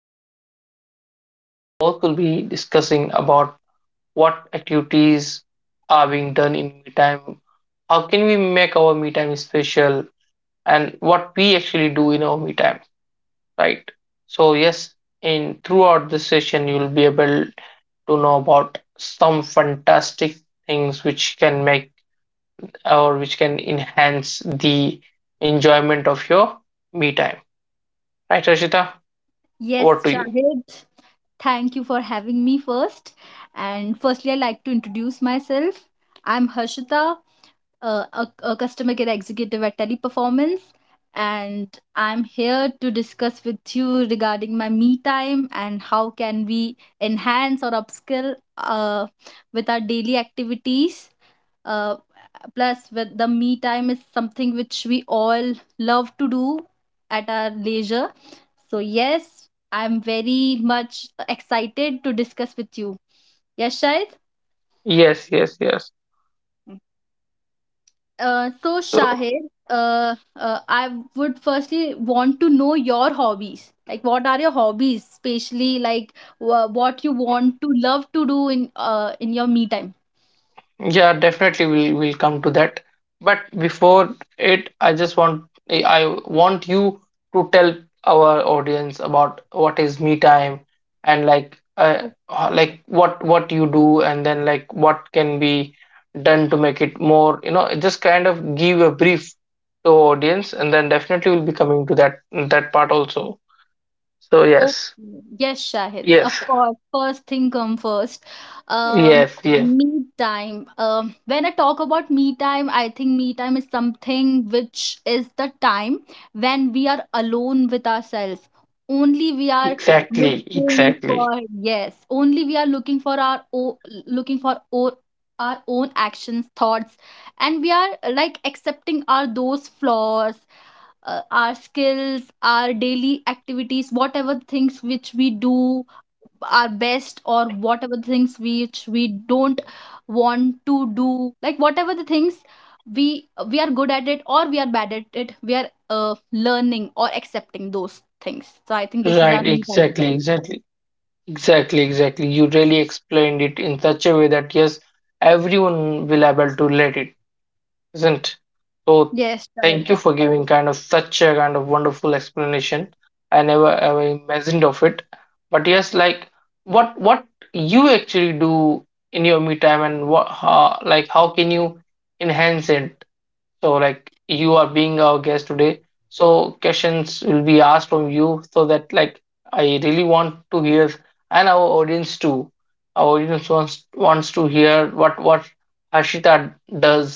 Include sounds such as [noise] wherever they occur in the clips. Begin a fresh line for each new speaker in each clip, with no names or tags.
Harshita. So we both will be discussing about what activities are being done in me time, how can we make our me time special, and what we actually do in our me time. Right? So yes, in throughout this session, you'll be able to know about some fantastic things which can make or which can enhance the enjoyment of your me time. Right, Rashita?
Yes,
Over to you.
Shahid. Thank you for having me first. And firstly, I'd like to introduce myself. I'm Harshita, a customer care executive at Teleperformance, and I'm here to discuss with you regarding my me time and how can we enhance or upskill with our daily activities. Uh, Plus, with the me time is something which we all love to do at our leisure. So yes, I'm very much excited to discuss with you. Yes, Shahid?
Yes, yes, yes.
Uh, so
So,
Shahid, uh, uh, I would firstly want to know your hobbies. Like, what are your hobbies, especially like what you want to love to do in your me time?
yeah, definitely we'll come to that. But before it, I want you to tell our audience about what is me time and like what you do and then like what can be done to make it more, just kind of give a brief to audience and then definitely we'll be coming to that part also. So
Oh,
yes.
yes, Shahid. Of
Yes.
course, first thing come first. Um,
Yes, yes.
Me time. When I talk about me time, I think me time is something which is the time when we are alone with ourselves. Only we are
Exactly,
looking
exactly.
for, Yes, only we are looking for our o looking for o our own actions, thoughts, and we are like accepting our those flaws our skills, our daily activities, whatever things which we do our best, or whatever things which we don't want to do, like whatever the things we are good at it or we are bad at it, we are learning or accepting those things. So I think this is our
Right,
new time.
exactly, exactly. Exactly, exactly. You really explained it in such a way that yes, everyone will able to let it, isn't? So
Yes, right.
thank you for giving kind of such a kind of wonderful explanation. I never ever imagined of it. But yes, like what you actually do in your me time and what how, like how can you enhance it? So, like, you are being our guest today. So, questions will be asked from you so that, like, I really want to hear, and our audience too. Our audience wants to hear what Harshita does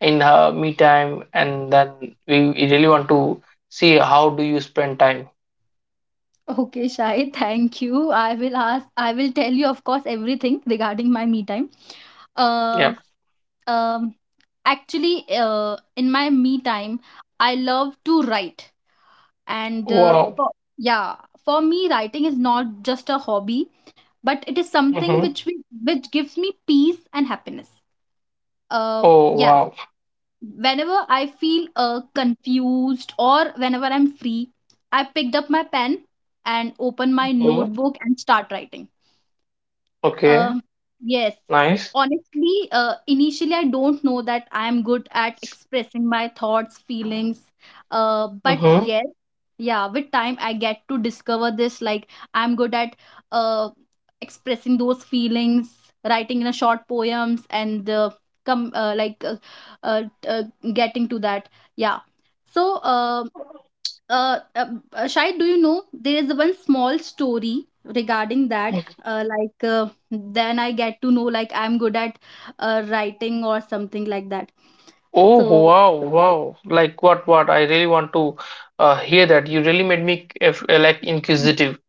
in her me time, and then we really want to see how do you spend time.
Okay, Shahid, thank you. I will tell you, of course, everything regarding my me time. Uh,
Yep.
um, Actually, in my me time, I love to write. And
Wow.
yeah, for me, writing is not just a hobby, but it is something
Hmm.
which we, which gives me peace and happiness. Uh,
Oh,
yes,
wow.
whenever I feel confused or whenever I'm free, I picked up my pen and open my
Hmm.
notebook and start writing.
Okay.
Um, yes.
Nice.
Honestly, initially I don't know that I am good at expressing my thoughts, feelings. Uh, but
Mm-hmm.
yes, yeah, with time I get to discover this. Like I'm good at uh expressing those feelings, writing in a short poems, and come like uh, uh, getting to that. Yeah. So uh, uh, Shahid, do you know there is one small story regarding that? Then I get to know like I'm good at writing or something like that.
Oh,
So
wow, wow! Like what? What? I really want to hear that. You really made me if, like inquisitive.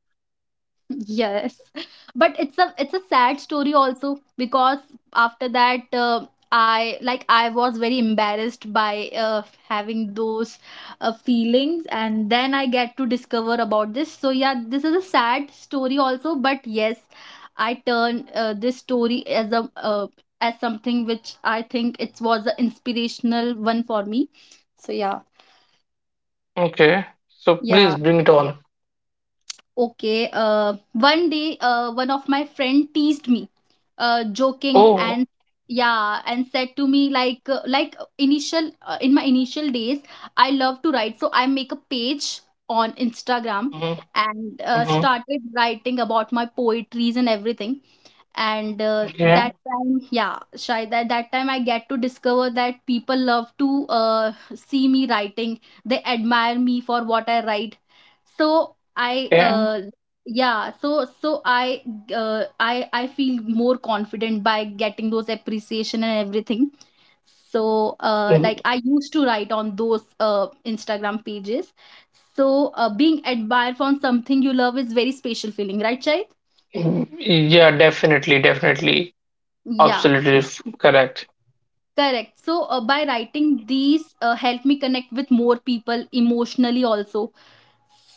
yes [laughs] but it's a sad story also because after that I I was very embarrassed by having those feelings and then I get to discover about this. So yeah, this is a sad story also, but yes, I turn this story as a, as something which I think it was an inspirational one for me. So yeah,
Okay, so please
yeah.
bring it on.
Okay, one day, one of my friend teased me, joking and
Oh.
yeah, and said to me like initial in my initial days, I love to write, so I make a page on Instagram,
Mm-hmm.
and
Hmm.
started writing about my poetries and everything. And
Yeah,
that time I get to discover that people love to see me writing. They admire me for what I write. So I
yeah.
yeah so so I, I feel more confident by getting those appreciation and everything. So
Mm.
like I used to write on those Instagram pages. So being admired for something you love is very special feeling, right, Chait?
Mm, yeah. Definitely, definitely,
Yeah.
absolutely correct.
Correct. So by writing these, help me connect with more people emotionally also.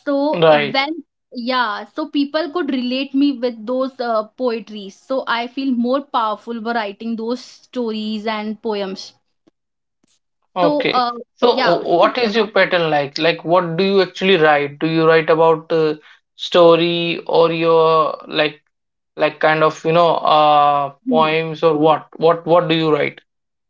So
Right.
when Yeah, so people could relate me with those poetries. So I feel more powerful by writing those stories and poems. So
Okay. So,
yeah, so
what is your pattern like? Like, what do you actually write? Do you write about story or your like? Like kind of
hmm.
poems, or what do you write,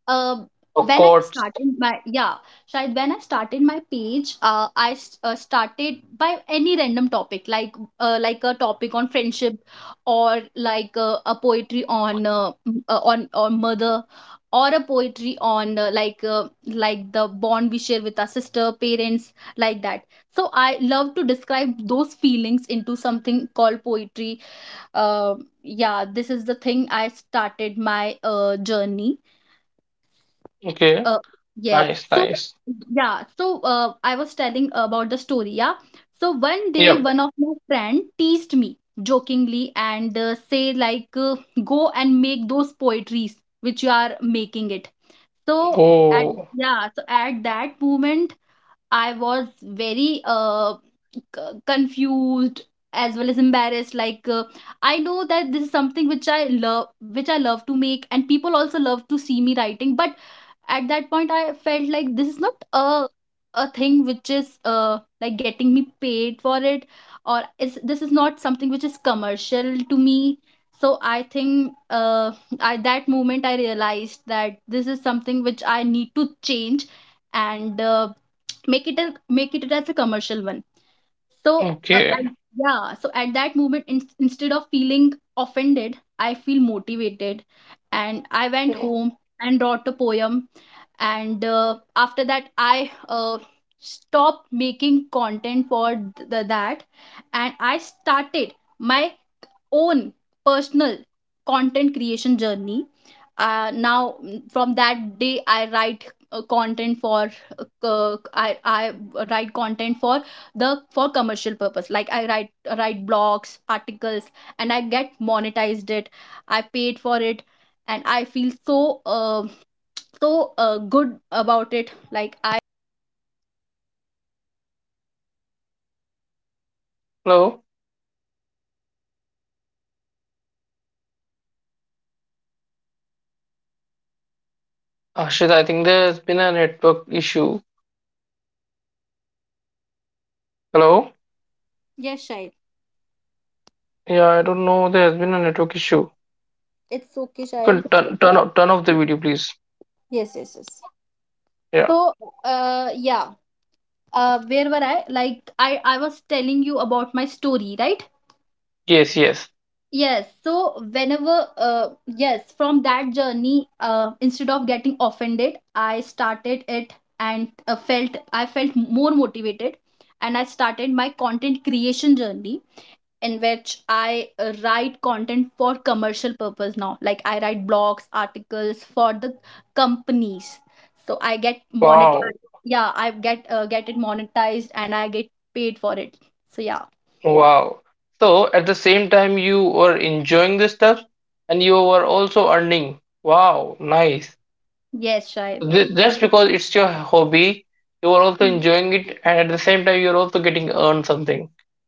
uh,
or
when I
quotes?
started my yeah, Shahid, when I started my page, started by any random topic, like a topic on friendship, or like a poetry on on mother, or a poetry on like the bond we share with our sister, parents, like that. So I love to describe those feelings into something called poetry. Uh, yeah, this is the thing I started my journey.
Okay.
uh, yes.
Nice.
So,
Nice.
yeah. So, I was telling about the story. Yeah. So one day,
Yep.
one of my friend teased me jokingly and say like, "Go and make those poetries which you are making it." So at
Oh.
Yeah, so at that moment, I was very c- confused as well as embarrassed. Like, I know that this is something which I love to make, and people also love to see me writing, but at that point I felt like this is not a thing which is like getting me paid for it, or is this is not something which is commercial to me. So I think, at that moment I realized that this is something which I need to change, and make it as a commercial one. So,
Okay.
and Yeah, so at that moment, instead of feeling offended, I feel motivated. And I went
Hello,
home and wrote a poem. And after that, I stopped making content for that. And I started my own personal content creation journey. From that day I write content for uh, I write content for the for commercial purpose, like I write blogs, articles, and I get monetized it, I paid for it, and I feel.
Ashita, I think there's been a network issue. Hello. Yeah, I don't know, there's been a network issue. You
It's okay,
can
Shahid.
turn off the video, please.
Yes, yes, yes.
Yeah.
So, yeah. Where were I? Like, I was telling you about my story, right?
Yes, yes.
Yes. So whenever, uh, yes, from that journey, instead of getting offended, I started it, and felt I felt more motivated, and I started my content creation journey in which I write content for commercial purpose now. Like I write blogs, articles for the companies. So I get monet.
Wow,
Yeah, I get it monetized and I get paid for it. So yeah,
wow. So at the same time you were enjoying this stuff and you were also earning. Wow. Nice.
yes, Shai.
Just because it's your hobby, you are also
Hmm.
enjoying it, and at the same time you're also getting earned something.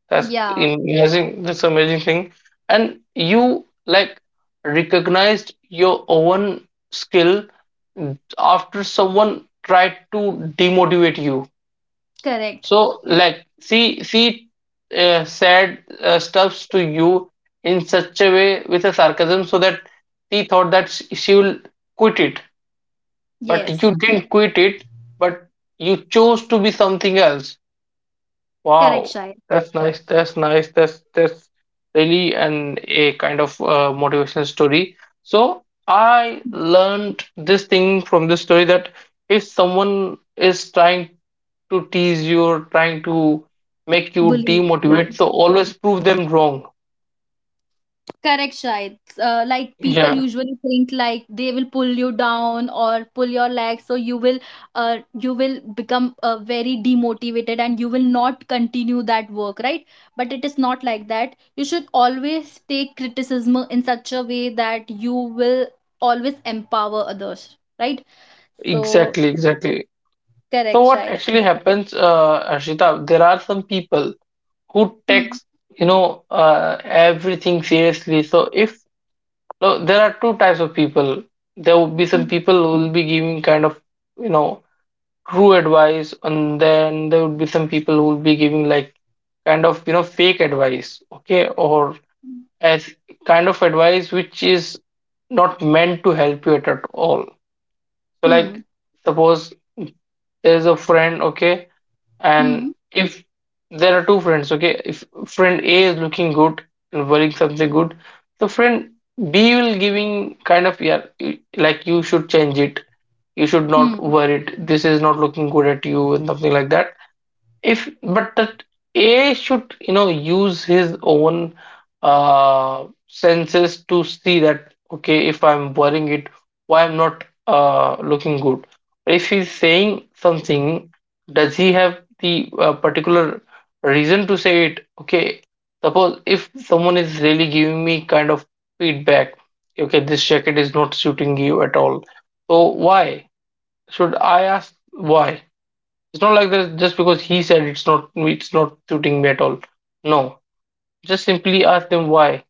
That's
Yeah,
amazing. That's amazing thing. And you like recognized your own skill after someone tried to demotivate you.
correct.
So like she said stuffs to you in such a way with a sarcasm, so that she thought that she will quit it, but you
Yes,
didn't quit it, but you chose to be something else.
correct,
Wow,
Shai.
that's nice. That's nice. That's really an a kind of motivational story. So I learned this thing from this story that if someone is trying to tease you or trying to make you
Bullying. Yeah.
demotivate, so always prove them wrong.
Correct, Shahid. Like people
Yeah,
usually think like they will pull you down or pull your leg, so you will become very demotivated and you will not continue that work, right? But it is not like that. You should always take criticism in such a way that you will always empower others, right? So
exactly, exactly. So
correct,
what
Shahid.
actually happens, Arshita? There are some people who
Hmm.
takes everything seriously, so if no, there are two types of people. There would be
Hmm.
some people who will be giving kind of you know true advice, and then there would be some people who will be giving like kind of fake advice, okay, or as kind of advice which is not meant to help you at all. So
Hmm.
like suppose there's a friend, okay, and
Hmm.
if there are two friends, okay, if friend A is looking good and wearing something good, the friend B will giving kind of yeah like you should change it, you should
Hmm.
not
Hmm.
wear it, this is not looking good at you and something like that. If but that AI should use his own senses to see that, okay, if I'm wearing it, why I'm not looking good. If he's saying something, does he have the particular reason to say it? Okay, suppose if someone is really giving me kind of feedback, okay, this jacket is not suiting you at all, so why should I ask why? It's not like that just because he said it's not suiting me at all. No, just simply ask them why.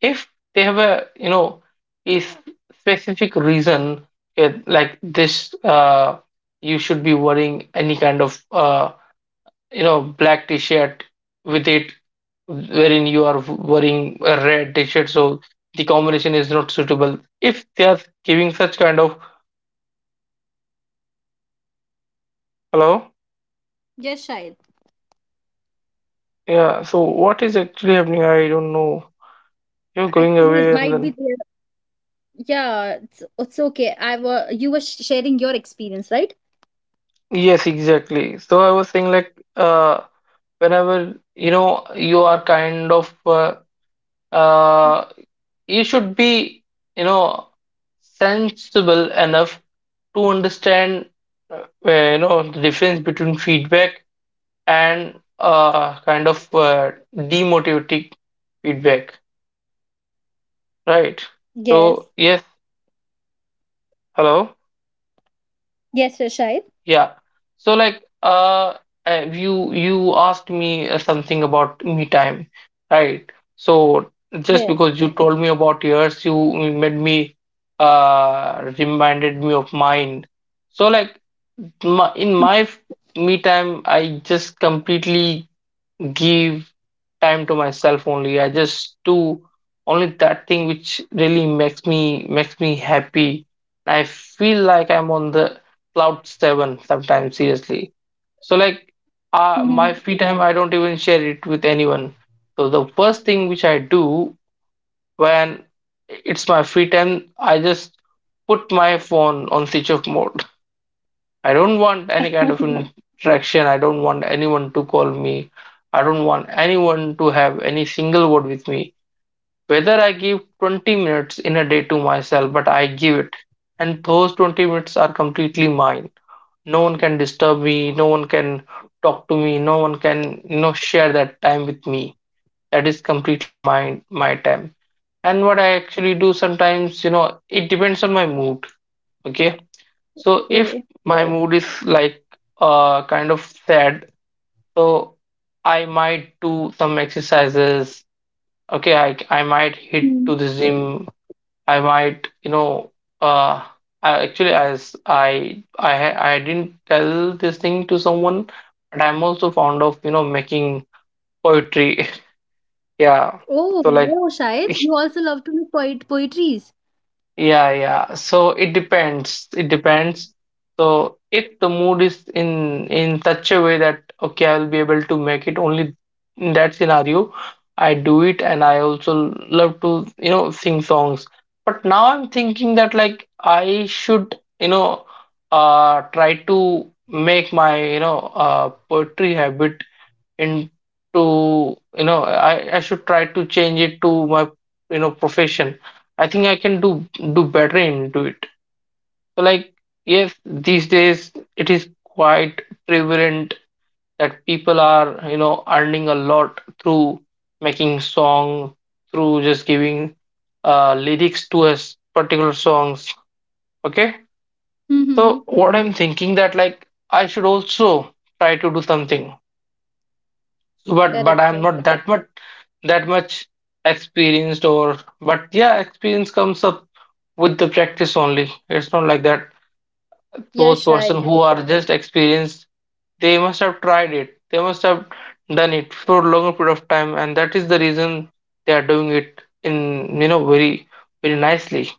If they have a you know a s- specific reason eh, like this, you should be wearing any kind of black t-shirt with it, wherein you are wearing a red t-shirt, so the combination is not suitable. If they are giving such kind of hello, yeah. So what is actually happening? I don't know. You're going
Actually, it
away and
might be
then.
there. Yeah, it's okay. I was You were sharing your experience, right?
Yes, exactly. So I was saying like whenever you know you are kind of uh you should be you know sensible enough to understand where, the difference between feedback and kind of demotivating feedback, right? So yes, hello. Yeah. So like you asked me something about me time, right? So just because you told me about yours, you made me reminded me of mine. So like in my me time, I just completely give time to myself only. I just do only that thing which really makes me happy. I feel like I'm on the cloud seven sometimes, seriously. So like my free time, I don't even share it with anyone. So the first thing which I do when it's my free time, I just put my phone on switch off mode. I don't want any kind of interaction. I don't want anyone to call me. I don't want anyone to have any single word with me. Whether I give 20 minutes in a day to myself, but I give it. And those 20 minutes are completely mine. No one can disturb me. No one can talk to me. No one can, share that time with me. That is completely mine, my time. And what I actually do sometimes, it depends on my mood. Okay, so if my mood is like kind of sad, so I might do some exercises. Okay, I might hit to the gym. I might, uh I, actually as I didn't tell this thing to someone, but I'm also fond of, making poetry. [laughs] Yeah. So like [laughs] yeah, yeah. So it depends. It depends. So if the mood is in such a way that okay, I will be able to make it only in that scenario, I do it and I also love to, sing songs. But now I'm thinking that like I should, try to make my, poetry habit into I should try to change it to my profession. I think I can do better into it. So like yes, these days it is quite prevalent that people are earning a lot through making song, through just giving lyrics to us particular songs, okay. So what I'm thinking that like I should also try to do something. So, but I'm not that much experienced or but yeah, experience comes up with the practice only. It's not like that. Those person who are just experienced, they must have tried it. They must have done it for a longer period of time, and that is the reason they are doing it in very very nicely,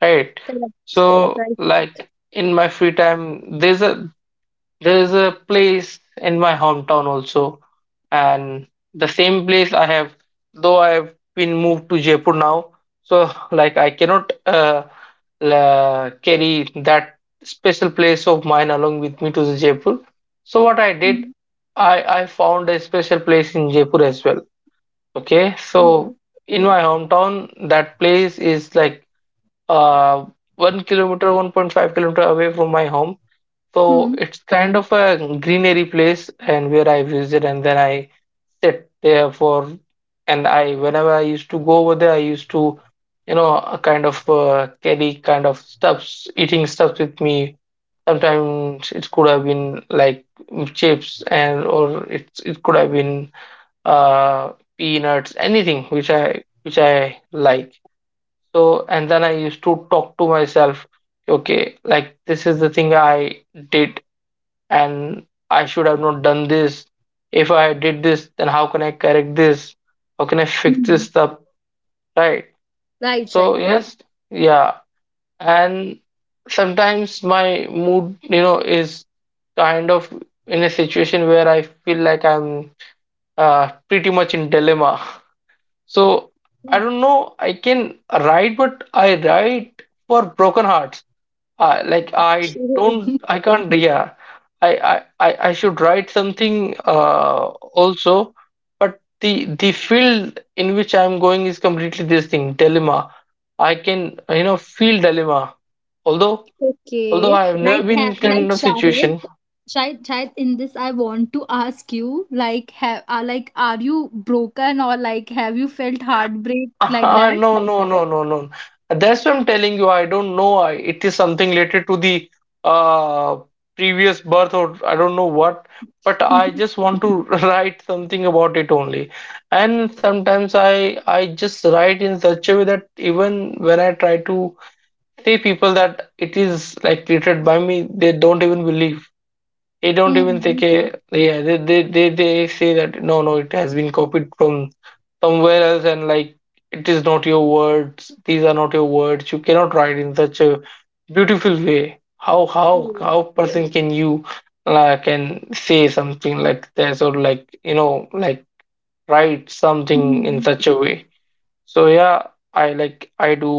right? So like in my free time, there is a place in my hometown also, and the same place I have, though I have been moved to Jaipur now, so like I cannot carry that special place of mine along with me to the Jaipur. So what I did, I found a special place in Jaipur as well. Okay, so in my hometown, that place is like uh 1 kilometer, 1.5 kilometer away from my home, so it's kind of a greenery place and where I visit and then I sit there for and I whenever I used to go over there I used to a kind of carry kind of stuffs eating stuffs with me. Sometimes it could have been like chips and or it could have been peanuts anything which I like. So and then I used to talk to myself okay like this is the thing I did and I should have not done this. If I did this, then how can I correct this? How can I fix this up? Right. So yes, yeah. And sometimes my mood, you know, is kind of in a situation where I feel like I'm pretty much in dilemma. So I don't know. I can write, but I write for broken hearts like I don't, I can't. Yeah, I should write something also, but the field in which I'm going is completely this thing dilemma. I can, you know, feel dilemma, although although I have never been in kind of situation. [laughs] No, no, no, no, no. That's what I'm telling you. I don't know. I, it is something related to the uh, previous birth, or I don't know what. But I just want to [laughs] write something about it only. And sometimes I just write in such a way that even when I try to say people that it is like created by me, they don't even believe. They don't even think. Yeah, they say that no, no, it has been copied from somewhere else. And like it is not your words, these are not your words, you cannot write in such a beautiful way. How, how person can you can say something like this, or like, you know, like write something in such a way? So yeah, I like, I do,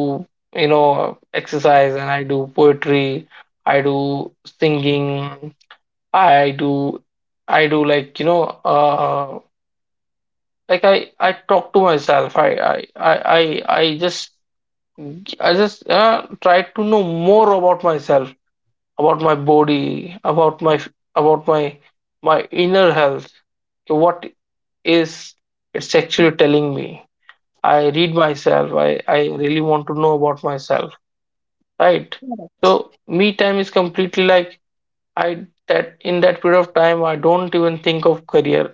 you know, exercise, and I do poetry, I do singing, I do, I do like, you know, like I talk to myself. I just, I just try to know more about myself, about my body, about my, about my, my inner health. So what is it's actually telling me? I read myself. I really want to know about myself, right? So me time is completely like, I that in that period of time I don't even think of career.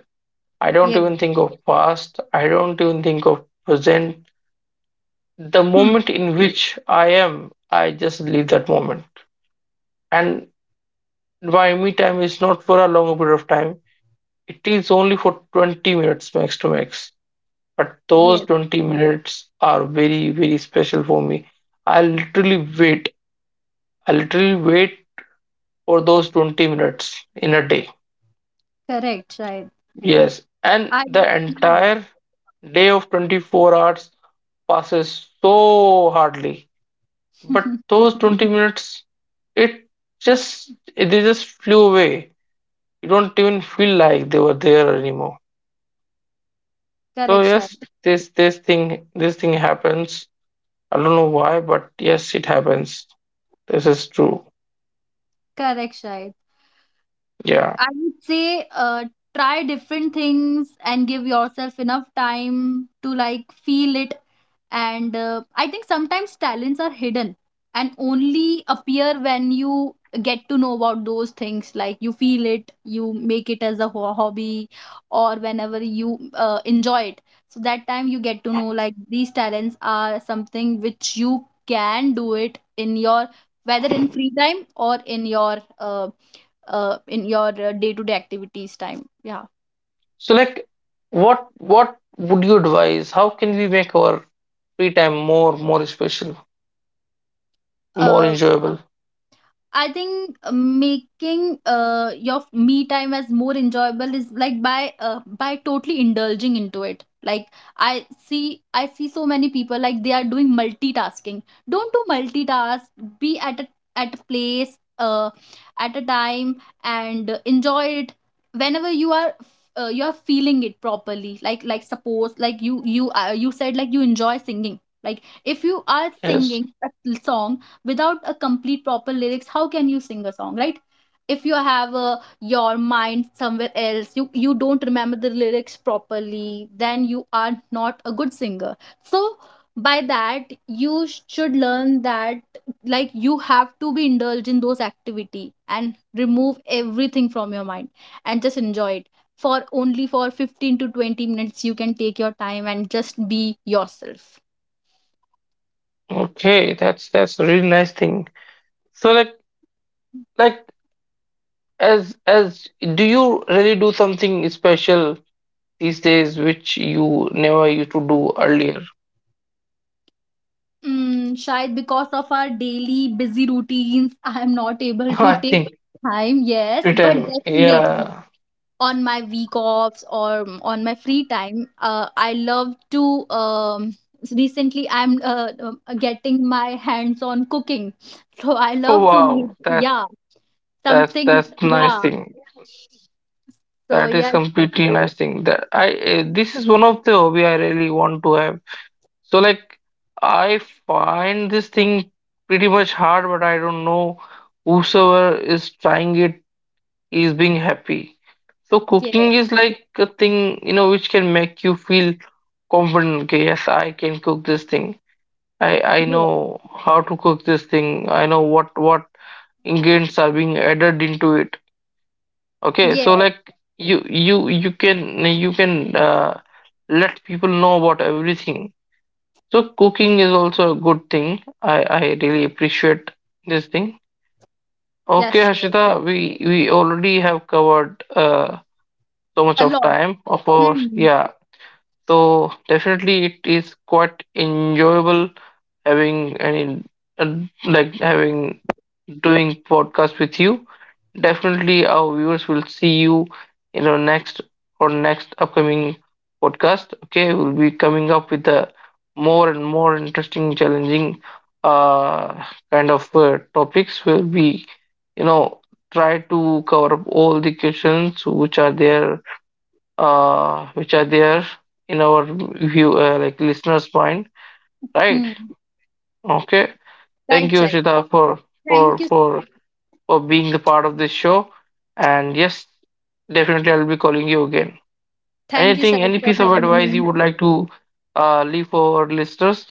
I don't even think of past. I don't even think of present. The moment in which I am, I just leave that moment. And my me time is not for a long period of time. It is only for 20 minutes max to max. But those 20 minutes are very, very special for me. I literally wait. I literally wait for those 20 minutes in a day. Yes. And the entire day of 24 hours passes so hardly. But those 20 minutes, it they just flew away. You don't even feel like they were there anymore. So yes, this thing happens. I don't know why, but yes, it happens. This is true. Yeah. So like, what would you advise? How can we make our free time more special, more enjoyable? Yes. Okay, that's a really nice thing. So like, as, do you really do something special these days which you never used to do earlier? [laughs] I think pretend. Yeah. Oh wow, that's nice thing. That is completely nice thing. That I this is one of the hobby I really want to have. So like, I find this thing pretty much hard, but I don't know, whosoever is trying it is being happy. So cooking is like a thing, you know, which can make you feel confident. Okay, yes, I can cook this thing. I know how to cook this thing. I know what ingredients are being added into it. Okay, so like you can you can let people know about everything. So cooking is also a good thing. I really appreciate this thing. Okay, Harshita, we already have covered so much of time, of course, yeah. So definitely it is quite enjoyable having any uh, like having doing podcast with you. Definitely our viewers will see you in our next or next upcoming podcast. Okay, we'll be coming up with a more and more interesting, challenging, uh kind of, topics. Will be, you know, try to cover up all the questions which are there, which are there in our view, like listeners' mind, right? Okay. Thank you, Shita, for for for for being the part of this show. And yes, definitely, I'll be calling you again. Anything, any piece of advice you would like to leave for our listeners?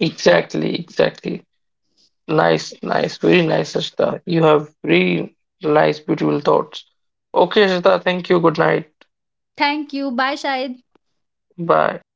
Exactly, exactly. Nice, nice, very nice, Ashita. You have very nice, beautiful thoughts. Okay, Ashita, thank you. Good night. Bye.